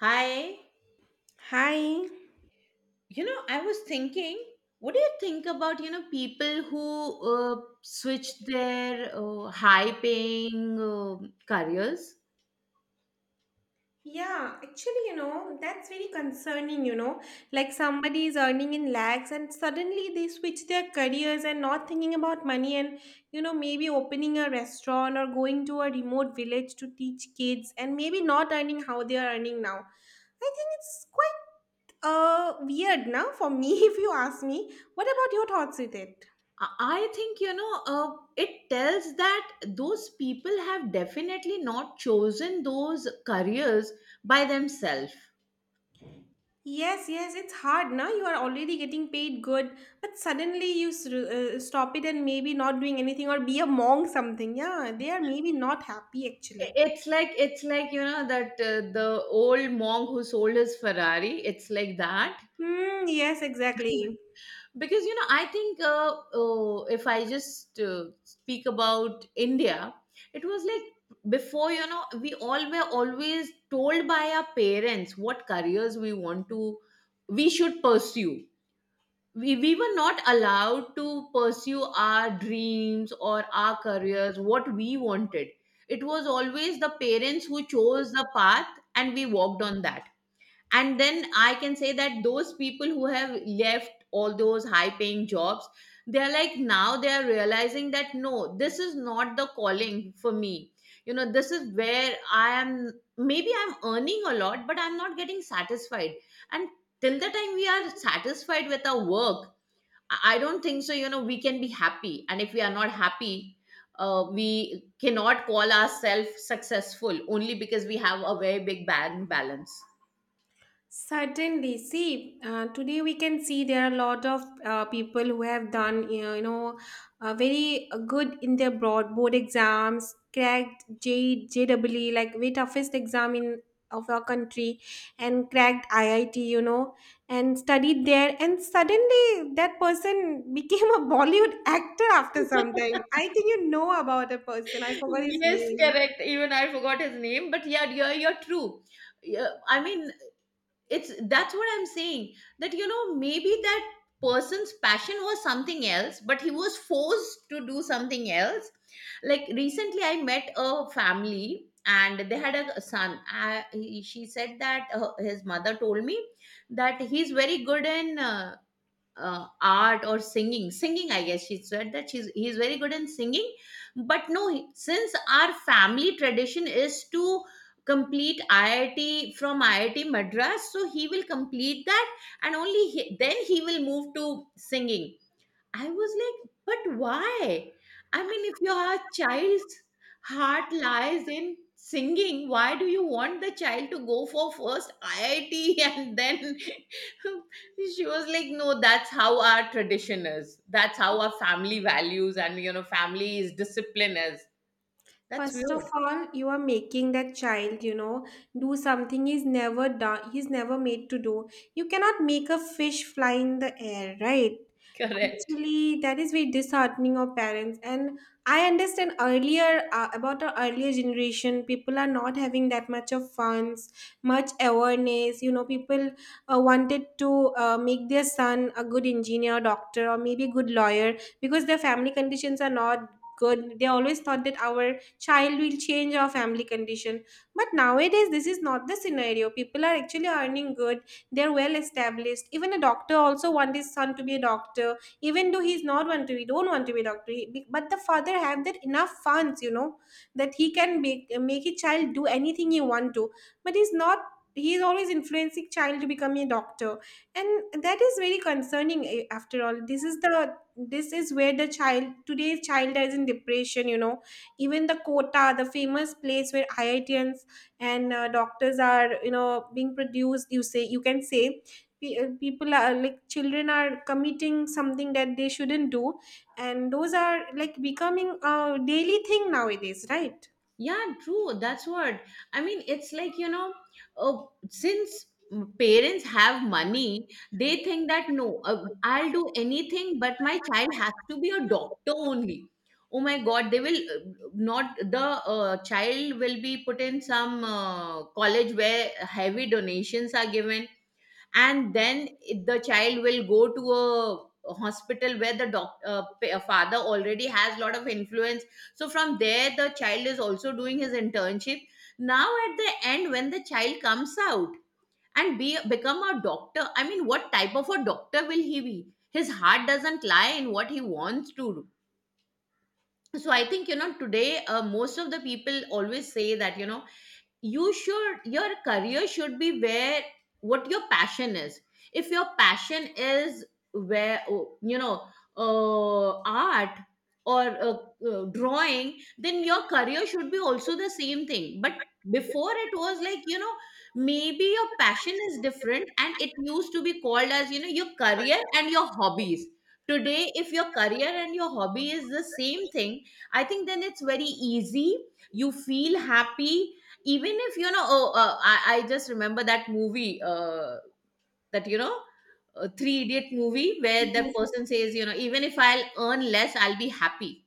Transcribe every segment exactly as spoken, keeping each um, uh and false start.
Hi. Hi. You know, I was thinking, what do you think about, you know, people who uh, switch their uh, high paying um careers? Yeah, actually, you know, that's very concerning, you know. Like somebody is earning in lakhs and suddenly they switch their careers and not thinking about money and, you know, maybe opening a restaurant or going to a remote village to teach kids and maybe not earning how they are earning now. I think it's quite uh weird now for me if you ask me. What about your thoughts with it? I I think, you know, uh, it tells that those people have definitely not chosen those careers by themselves. Yes, yes, it's hard, na? You are already getting paid good, but suddenly you s- uh, stop it and maybe not doing anything or be a monk something. Yeah, they are maybe not happy actually. It's like it's like you know that uh, the old monk who sold his Ferrari. It's like that. Hmm, yes, exactly. because you know I think, uh, oh, if I just uh, speak about India, it was like before. You know we all were always told by our parents what careers we want to, we should pursue. We, we were not allowed to pursue our dreams or our careers what we wanted. It was always the parents who chose the path and we walked on that. And then I can say that those people who have left all those high paying jobs, they are like, now they are realizing that no, this is not the calling for me. You know this is where I am. Maybe I'm earning a lot but I'm not getting satisfied. And till the time we are satisfied with our work, i I don't think so you know we can be happy. And if we are not happy, uh, we cannot call ourselves successful only because we have a very big bank balance. Certainly. See, uh, today we can see there are a lot of uh, people who have done, you know, you know uh, very uh, good in their broad board exams, cracked J JEE, like very toughest exam in of our country, and cracked I I T, you know, and studied there. And suddenly that person became a Bollywood actor after some time. I think you know about a person. I forgot his Yes, name. correct. Even I forgot his name, but yeah, you're you're true. Yeah, I mean, it's that's what I'm saying. That, you know, maybe that person's passion was something else, but he was forced to do something else. Like recently, I met a family and they had a son. I, he, she said that uh, his mother told me that he's very good in uh, uh, art or singing singing I guess. She said that she's he's very good in singing, but no, he- since our family tradition is to complete I I T from I I T madras, so he will complete that, and only he, then he will move to singing. I was like, but why? I mean, if your child's heart lies in singing, why do you want the child to go for first I I T? And then she was like, no, that's how our tradition is. That's how our family values and, you know, family is, discipline is. That's First of weird. all, you are making that child, you know, do something he's never done, he's never made to do. You cannot make a fish fly in the air, right? Correct. Actually, that is very disheartening of parents. And I understand earlier uh, about our earlier generation, people are not having that much of funds, much awareness. You know, people uh, wanted to uh, make their son a good engineer, doctor, or maybe a good lawyer because their family conditions are not good. They always thought that our child will change our family condition, but nowadays this is not the scenario. People are actually earning good, they're well established. Even a doctor also want his son to be a doctor, even though he's not want to be don't want to be a doctor. He- be- but the father have that enough funds, you know, that he can make make his child do anything he want to. But he's not. He is always influencing child to become a doctor, and that is very concerning, eh? After all, this is the, this is where the child, today's child, is in depression, you know. Even the Kota, the famous place where IITians and uh, doctors are, you know, being produced, you say, you can say, pe- uh, people are like children are committing something that they shouldn't do, and those are like becoming a daily thing nowadays, right? Yeah, true. That's what I mean. It's like, you know, uh, since parents have money, they think that no, uh, I'll do anything, but my child has to be a doctor only. Oh my God, they will, uh, not, the uh, child will be put in some uh, college where heavy donations are given. And then it- the child will go to a hospital where the doc, uh, pa- uh, father already has lot of influence. So from there the child is also doing his internship. Now at the end when the child comes out and be become a doctor, I mean what type of a doctor will he be? His heart doesn't lie in what he wants to do. So I think, you know today uh, most of the people always say that, you know you should your career should be where what your passion is. If your passion is where oh, you know uh, art or uh, uh, drawing, then your career should be also the same thing. But before it was like, you know maybe your passion is different and it used to be called as, you know your career and your hobbies. Today if your career and your hobby is the same thing, I think then it's very easy. You feel happy. Even if you know oh, uh, I, I just remember that movie, uh, that, you know uh, three idiot movie, where that Yes. person says, you know even if I'll earn less I'll be happy.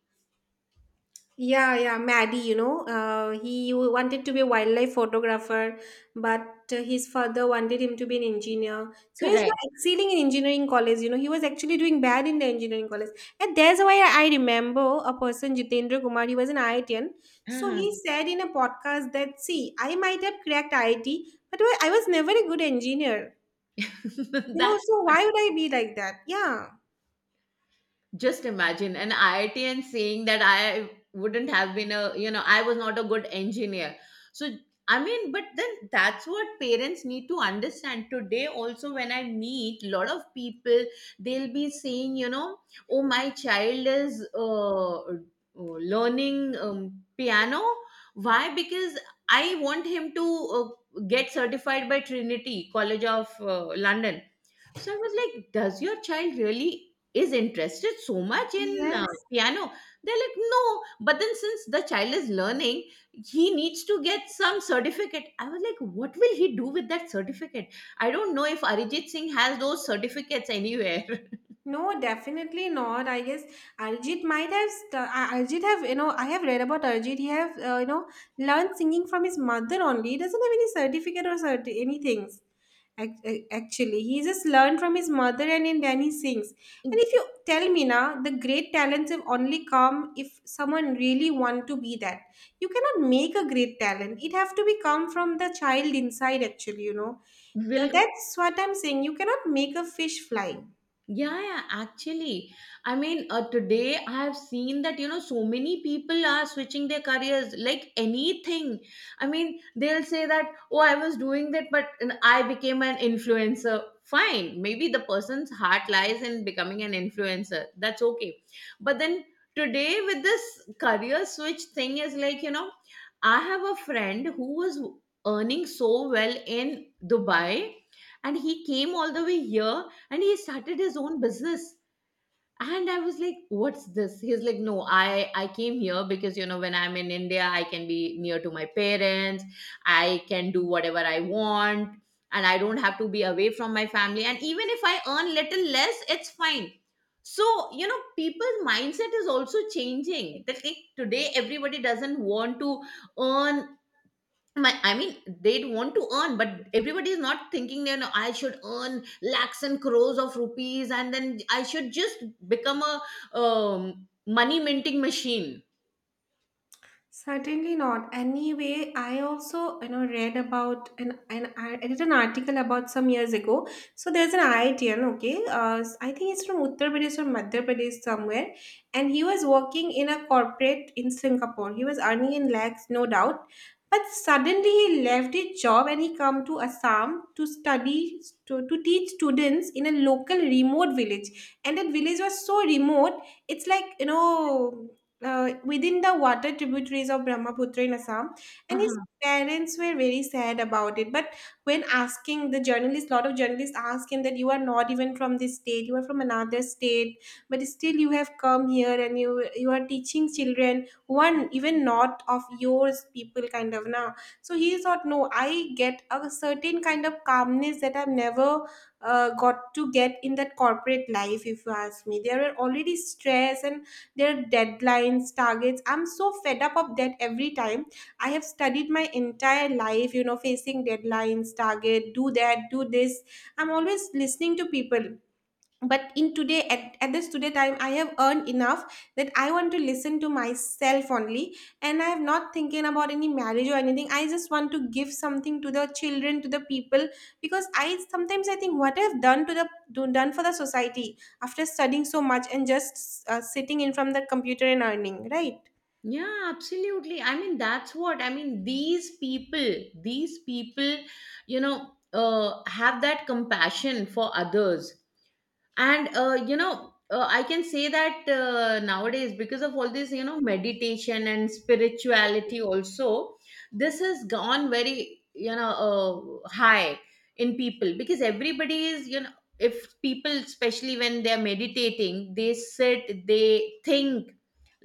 Yeah, yeah, Maddie, you know, uh, he wanted to be a wildlife photographer, but uh, his father wanted him to be an engineer. So he was Correct. not excelling in engineering college, you know, he was actually doing bad in the engineering college. And that's why I remember a person, Jitendra Kumar, he was an IITian. So he Mhm. said in a podcast that, see, I might have cracked I I T, but I was never a good engineer. You know, that so why would I be like that? Yeah. Just imagine an I I T and saying that I wouldn't have been a, you know, I was not a good engineer. So, I mean, but then that's what parents need to understand. Today, also, when I meet a lot of people, they'll be saying, you know, oh, my child is uh, uh, learning um, piano. Why? Because I want him to uh, get certified by Trinity College of uh, London. So I was like, does your child really is interested so much in uh, Yes. piano? They're like, no. But then since the child is learning, he needs to get some certificate. I was like, what will he do with that certificate? I don't know if Arijit Singh has those certificates anywhere. No, definitely not. I guess Arjit might have, st- Ar- Arjit have, you know, I have read about Arjit. He have, uh, you know, learned singing from his mother only. He doesn't have any certificate or certi- any things. Ac- ac- Actually, he just learned from his mother and in then he sings. And if you tell me now, the great talents have only come if someone really want to be that. You cannot make a great talent. It have to be come from the child inside. Actually, you know, Uh, will that's what I'm saying. You cannot make a fish fly. Yeah, yeah, actually. I mean, uh, today I have seen that, you know, so many people are switching their careers, like anything. I mean, they'll say that, oh, I was doing that, but and I became an influencer. Fine, maybe the person's heart lies in becoming an influencer. That's okay. But then today, with this career switch thing, is like, you know, I have a friend who was earning so well in Dubai, and he came all the way here, and he started his own business. And I was like, what's this? He's like, no, i i came here because, you know when I'm in India I can be near to my parents. I can do whatever I want, and I don't have to be away from my family, and even if I earn little less it's fine. So, you know people's mindset is also changing, that like today everybody doesn't want to earn. My I mean, they'd want to earn, but everybody is not thinking, you know I should earn lakhs and crores of rupees and then I should just become a um, money minting machine. Certainly not. Anyway, I also, you know, read about an, an I I read an article about some years ago. So there's an IITian, okay, uh, I think it's from Uttar Pradesh or Madhya Pradesh somewhere, and he was working in a corporate in Singapore. He was earning in lakhs, no doubt, but suddenly he left his job and he come to Assam to study to, to teach students in a local remote village. And that village was so remote, it's like, you know, uh, within the water tributaries of Brahmaputra in Assam, and his Uh-huh. parents were very sad about it. But when asking the journalists, lot of journalists ask him that you are not even from this state, you are from another state, but still you have come here and you you are teaching children one even not of yours people kind of now. So he thought, no, I get a certain kind of calmness that I've never uh, got to get in that corporate life. If you ask me, there were already stress and their deadlines targets. I'm so fed up of that every time. I have studied my entire life, you know, facing deadlines target, do that, do this. I'm always listening to people, but in today, at, at this today time I have earned enough that I want to listen to myself only, and I have not thinking about any marriage or anything. I just want to give something to the children, to the people, because I sometimes I think what I've done to the do- done for the society after studying so much and just uh, sitting in from the computer and earning, right? Yeah, absolutely. I mean, that's what I mean. These people these people you know uh, have that compassion for others. And uh, you know uh, I can say that uh, nowadays, because of all this, you know meditation and spirituality also, this has gone very, you know uh, high in people. Because everybody is, you know if people especially when they're meditating, they sit, they think.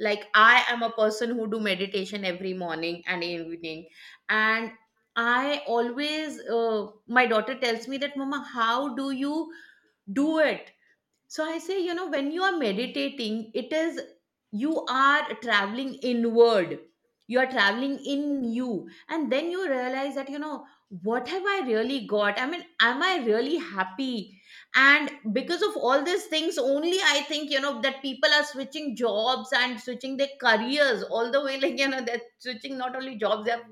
Like I am a person who do meditation every morning and evening. And I always, uh, my daughter tells me that, mama, how do you do it? So I say, you know, when you are meditating, it is, you are traveling inward. You are traveling in you. And then you realize that, you know, what have I really got? I mean, am I really happy? And because of all these things, only I think, you know, that people are switching jobs and switching their careers all the way. Like, you know, they're switching not only jobs, they're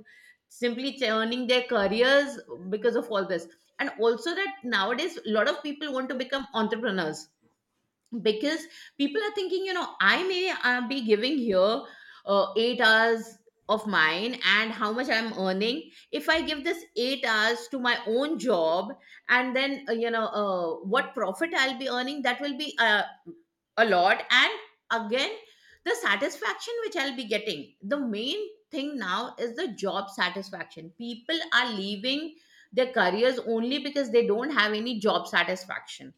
simply churning their careers because of all this. And also that nowadays, a lot of people want to become entrepreneurs, because people are thinking, you know I may uh, be giving here uh, 8 hours of mine, and how much I'm earning. If I give this 8 hours to my own job, and then, uh, you know uh, what profit I'll be earning, that will be uh, a lot. And again, the satisfaction which I'll be getting, the main thing now is the job satisfaction. People are leaving their careers only because they don't have any job satisfaction.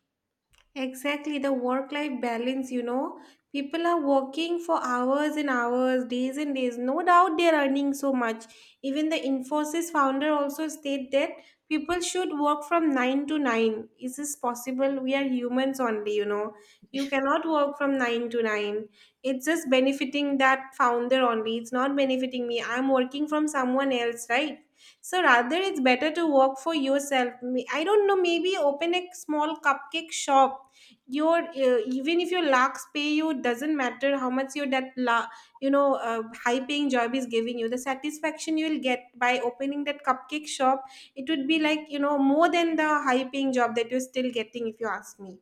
Exactly, the work life balance, you know. People are working for hours and hours, days and days. No doubt they're earning so much. Even the Infosys founder also stated that people should work from nine to nine. Is this possible? We are humans only, you know. You cannot work from nine to nine. It's just benefiting that founder only. It's not benefiting me. I'm working from someone else, right? So rather, it's better to work for yourself. May- I don't know, maybe open a small cupcake shop. Your uh, even if your lakhs pay you, it doesn't matter how much. Your that la, you know, uh, high paying job is giving you, the satisfaction you'll get by opening that cupcake shop, it would be like, you know, more than the high paying job that you're still getting, if you ask me.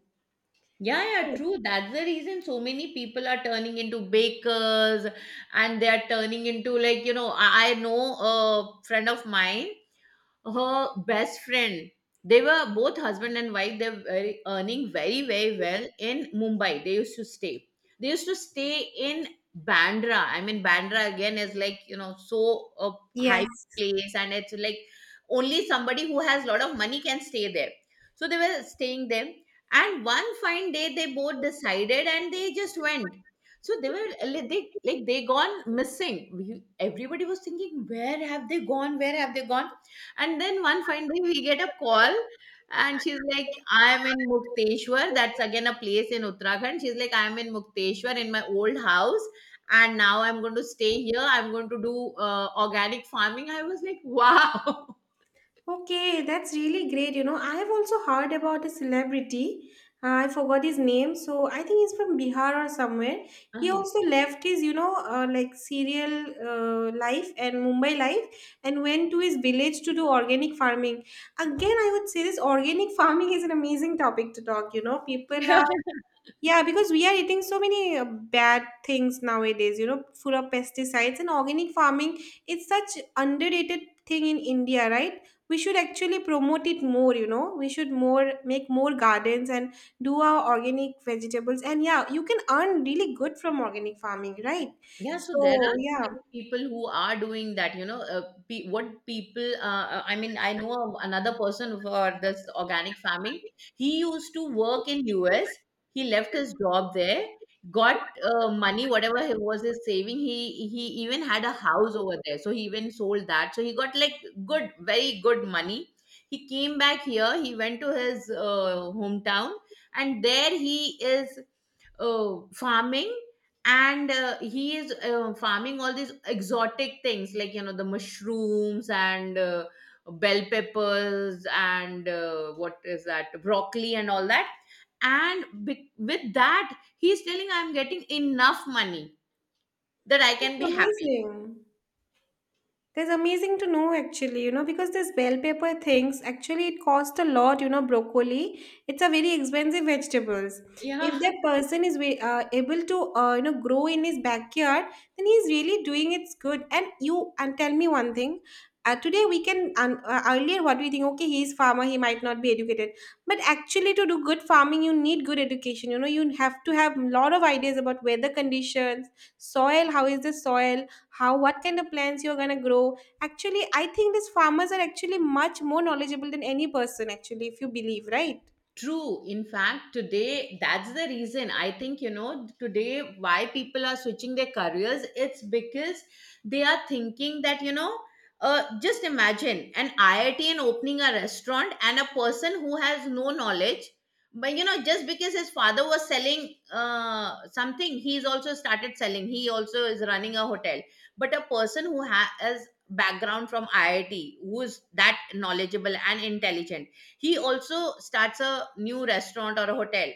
Yeah, yeah, true. That's the reason so many people are turning into bakers, and they are turning into, like, you know, I I know a friend of mine, her best friend. They were both husband and wife. They're very, earning very, very well in Mumbai. They used to stay. They used to stay in Bandra. I mean, Bandra again is like, you know, so a high Yes. place and it's like only somebody who has a lot of money can stay there. So they were staying there. And one fine day, they both decided and they just went. So they were like, they like they gone missing. We- Everybody was thinking, where have they gone? Where have they gone? And then one fine day we get a call and she's like, I'm in Mukteshwar. That's again a place in Uttarakhand. She's like, I'm in Mukteshwar in my old house. And now I'm going to stay here. I'm going to do uh, organic farming. I was like, wow. Okay, that's really great. You know, I have also heard about a celebrity. Uh, I forgot his name, so I think he's from Bihar or somewhere. He also left his, you know, uh, like serial uh, life and Mumbai life, and went to his village to do organic farming. Again, I would say this organic farming is an amazing topic to talk. You know, people uh are, yeah, because we are eating so many uh, bad things nowadays, you know, full of pesticides. And organic farming, it's such underrated thing in India, right? We should actually promote it more, you know. We should more make more gardens and do our organic vegetables. And yeah, you can earn really good from organic farming, right? Yeah, so there So are so yeah, many people who are doing that, you know. Uh, pe- what people, uh, uh, I mean, I know of another person for this organic farming. He used to work in U S. He left his job there, got uh, money, whatever he was his saving. He he even had a house over there, so he even sold that. So he got like good, very good money. He came back here. He went to his uh, hometown, and there he is uh, farming, and uh, he is uh, farming all these exotic things like, you know, the mushrooms and uh, bell peppers and uh, what is that, broccoli and all that. And be- with that he's telling I'm getting enough money that I it's can be happy. amazing. That's amazing to know actually, you know, because this bell pepper things actually it cost a lot, you know. Broccoli, it's a very expensive vegetables. If Yeah. that person is wa- uh, able to, uh, you know, grow in his backyard, then he's really doing, it's good. And you, and tell me one thing. Uh, today we can um, uh, earlier what we think, okay, he's farmer, he might not be educated, but actually to do good farming you need good education, you know. You have to have lot of ideas about weather conditions, soil, how is the soil, how, what kind of plants you're going to grow. Actually, I think these farmers are actually much more knowledgeable than any person actually, if you believe, right? True. In fact, today, that's the reason, I think, you know, today why people are switching their careers. It's because they are thinking that, you know, uh, just imagine an I I T and opening a restaurant, and a person who has no knowledge, but, you know, just because his father was selling uh, something, he's also started selling. He also is running a hotel. But a person who ha- has background from I I T, who's that knowledgeable and intelligent, he also starts a new restaurant or a hotel.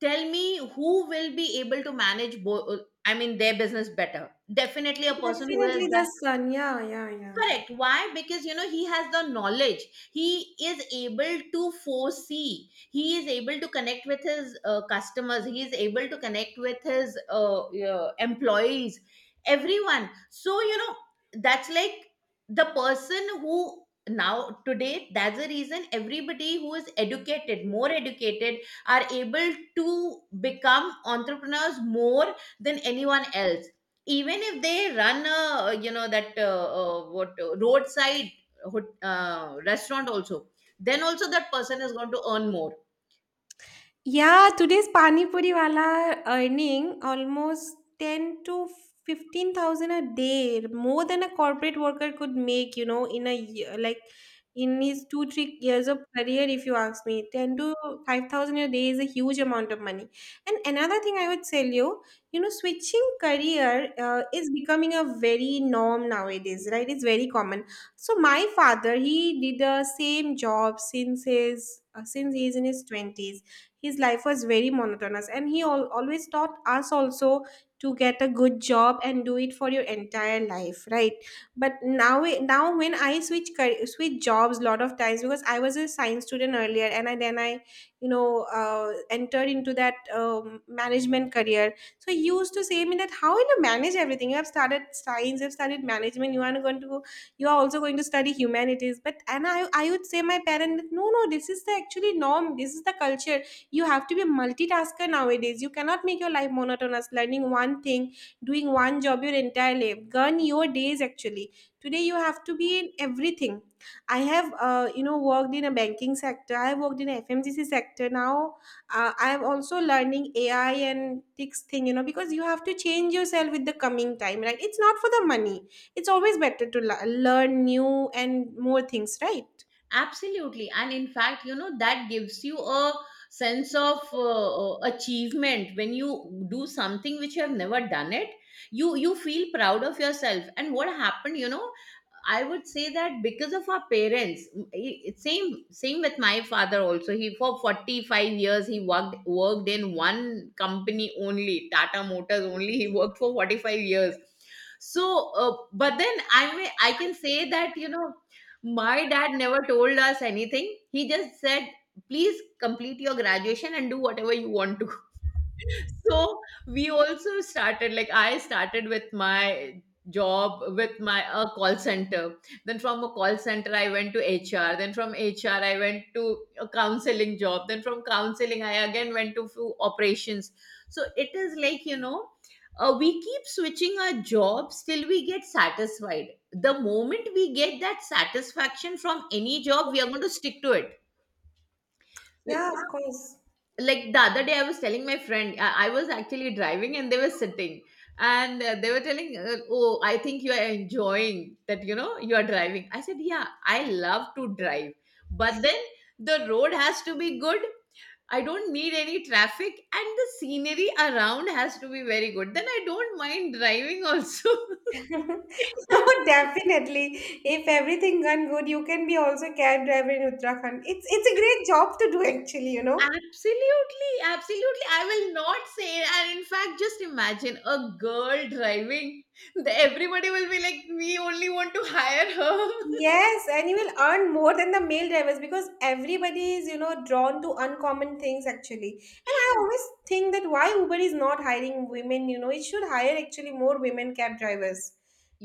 Tell me who will be able to manage both, I mean their business better. Definitely a person who has Definitely the done. sun, yeah, yeah, yeah. Correct. Why? Because, you know, he has the knowledge. He is able to foresee. He is able to connect with his uh, customers. He is able to connect with his uh, uh, employees, everyone. So, you know, that's like the person who now today, that's the reason everybody who is educated, more educated, are able to become entrepreneurs more than anyone else, even if they run a, you know, that uh, uh, what uh, roadside hot- uh, restaurant also, then also that person is going to earn more. Yeah, today's pani puri wala earning almost ten to fifteen thousand a day, more than a corporate worker could make, you know, in a year, like in his two, three years of career, if you ask me. ten to five thousand a day is a huge amount of money. And another thing I would tell you, you know, switching career uh, is becoming a very norm nowadays, right? It's very common. So my father, he did the same job since his, uh, since he's in his twenties. His life was very monotonous and he al- always taught us also to get a good job and do it for your entire life, right? But now now when I switch car- switch jobs lot of times, because I was a science student earlier, and I, then i you know uh, entered into that um, management career. So he used to say me that how will you manage everything? You have started science, you have studied management, you are going to go, you are also going to study humanities. But and i i would say my parents, no, no, this is the actually norm, this is the culture. You have to be a multitasker nowadays. You cannot make your life monotonous learning one thing, doing one job your entire life gun your days actually. Today you have to be in everything. I have uh, you know worked in a banking sector, I worked in a F M C C sector. Now uh, I am also learning AI and this thing, you know, because you have to change yourself with the coming time, right? It's not for the money, it's always better to l- learn new and more things, right? Absolutely. And in fact, you know, that gives you a sense of uh, uh, achievement when you do something which you have never done it. You you feel proud of yourself. And what happened, you know, I would say that because of our parents, i- i- same same with my father also. He for forty-five years he worked worked in one company only, Tata Motors only. He worked for forty-five years. So, uh, but then I may I can say that, you know, my dad never told us anything. He just said, please complete your graduation and do whatever you want to. So we also started like, I started with my job with my a call center, then from a call center I went to H R, then from HR I went to a counseling job, then from counseling I again went to few operations. So it is like, you know, uh, we keep switching our jobs till we get satisfied. The moment we get that satisfaction from any job, we are going to stick to it. Yeah, of course. Like the other day I was telling my friend, i, I was actually driving and they were sitting, and uh, they were telling, uh, oh, I think you are enjoying that, you know, you are driving. I said, yeah, I love to drive, but then the road has to be good. I don't need any traffic, and the scenery around has to be very good. Then I don't mind driving also. No, definitely. If everything gone good, you can be also cab driver in Uttarakhand. It's it's a great job to do actually, you know. Absolutely, absolutely. I will not say. And in fact, just imagine a girl driving. The- Everybody will be like, we only want to hire her. Yes, and you will earn more than the male drivers because everybody is, you know, drawn to uncommon things actually. And I always think that why Uber is not hiring women, you know, it should hire actually more women cab drivers.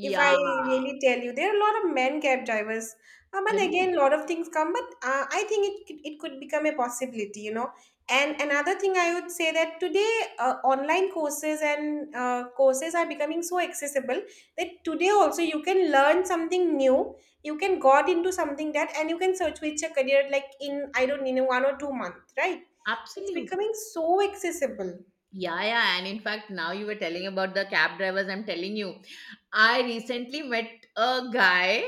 If I really tell you, there are a lot of men cab drivers. Um, and Are again, a lot of things come, but uh, I think it could- it could become a possibility, you know. And another thing I would say that today, uh, online courses and uh, courses are becoming so accessible that today also you can learn something new, you can got into something that, and you can search with your career like in I don't know one or two months, right? It's you? becoming so accessible. Yeah, yeah, and in fact, now you were telling about the cab drivers. I'm telling you, I recently met a guy.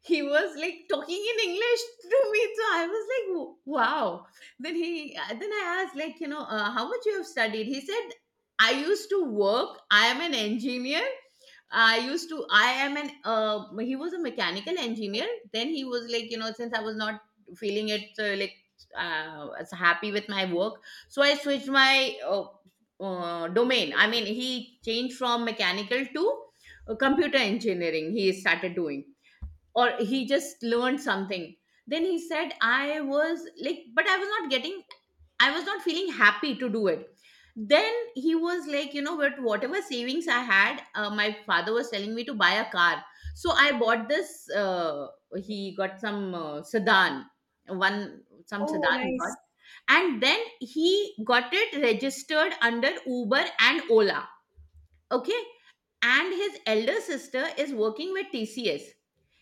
He was like talking in English to me, so I was like, "Wo- Wow!" Then he, uh, then I asked, like, you know, uh, how much you have studied? He said, "I used to work. I am an engineer. I used to. I am an." Uh, he was a mechanical engineer. Then he was like, you know, since I was not feeling it, uh, like, uh, as happy with my work, so I switched my." Uh, uh, domain. I mean, he changed from mechanical to uh, computer engineering. He started doing, or he just learned something. Then he said, I was like, but I was not getting, I was not feeling happy to do it. Then he was like, you know, but whatever savings I had, uh, my father was telling me to buy a car. So I bought this. Uh, he got some uh, sedan, one some Oh sedan he nice. got, and then he got it registered under Uber and Ola. Okay, and his elder sister is working with T C S.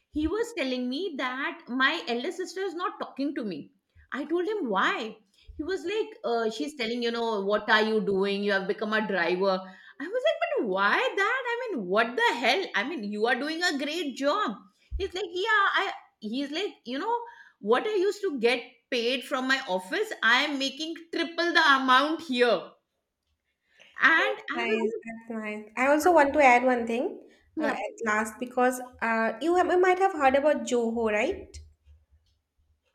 He was telling me that my elder sister is not talking to me. I told him why. He was like, uh, she's telling, you know, what are you doing, you have become a driver. I was like, but why that, I mean, what the hell, I mean, you are doing a great job. He's like, yeah, I he's like, you know, what I used to get paid from my office, I am making triple the amount here. And That's I was nice, like, that's nice. I also want to add one thing, uh, yeah. at last, because uh, you, have, you might have heard about Joho, right?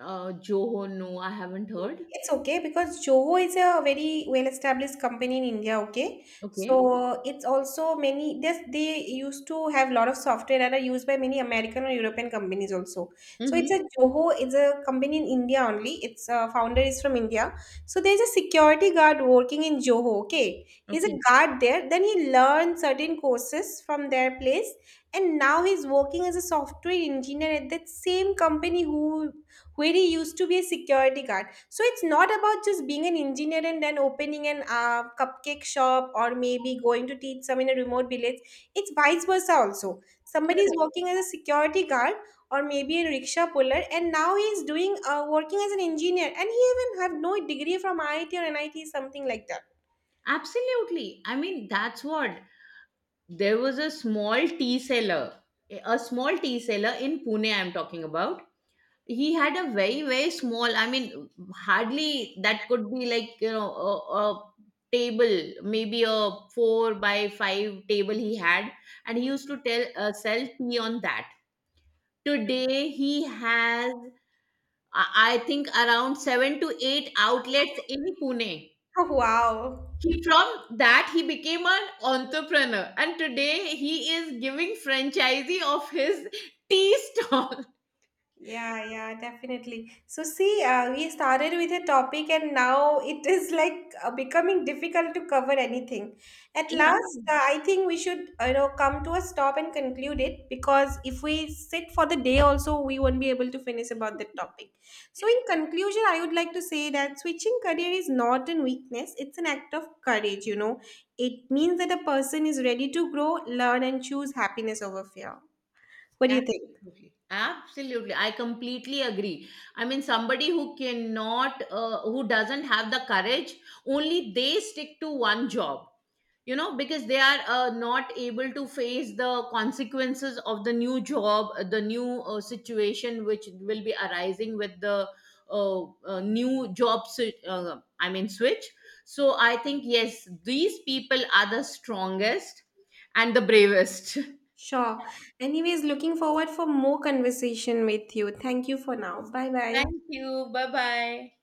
uh Joho, no, I haven't heard. It's okay, because Joho is a very well-established company in India, okay? Okay. So it's also many this they used to have a lot of software that are used by many American or European companies also. So it's Mm-hmm. a Joho is a company in India only. Its uh, founder is from India. So there's a security guard working in Joho, okay? He's a Okay. guard there. Then he learned certain courses from their place, and now he's working as a software engineer at that same company who where he used to be a security guard. So it's not about just being an engineer and then opening an uh, cupcake shop or maybe going to teach some in a remote village. It's vice versa also. Somebody is working as a security guard or maybe a rickshaw puller, and now he is doing uh, working as an engineer, and he even have no degree from I I T or N I T, something like that. Absolutely. I mean, that's what. There was a small tea seller, a small tea seller in Pune, I'm talking about. He had a very, very small, I mean, hardly that could be like, you know, a, a table, maybe a four by five table he had. And he used to tell uh, sell tea on that. Today, he has, I I think, around seven to eight outlets in Pune. Wow. He, from that, he became an entrepreneur, and today he is giving franchisee of his tea stall. Yeah, yeah, definitely. So see, uh, we started with a topic and now it is like uh, becoming difficult to cover anything. At last, Yeah. uh, I think we should, you know, come to a stop and conclude it, because if we sit for the day also, we won't be able to finish about the topic. So in conclusion, I would like to say that switching career is not a weakness, it's an act of courage, you know. It means that a person is ready to grow, learn, and choose happiness over fear. What do you think? Absolutely. Absolutely. I completely agree. I mean, somebody who cannot, uh, who doesn't have the courage, only they stick to one job, you know, because they are uh, not able to face the consequences of the new job, uh, the new uh, situation which will be arising with the uh, uh, new job, si- uh, I mean, switch. So I think, yes, these people are the strongest and the bravest. Sure. Anyways, looking forward for more conversation with you. Thank you for now. Bye bye. Thank you. Bye bye.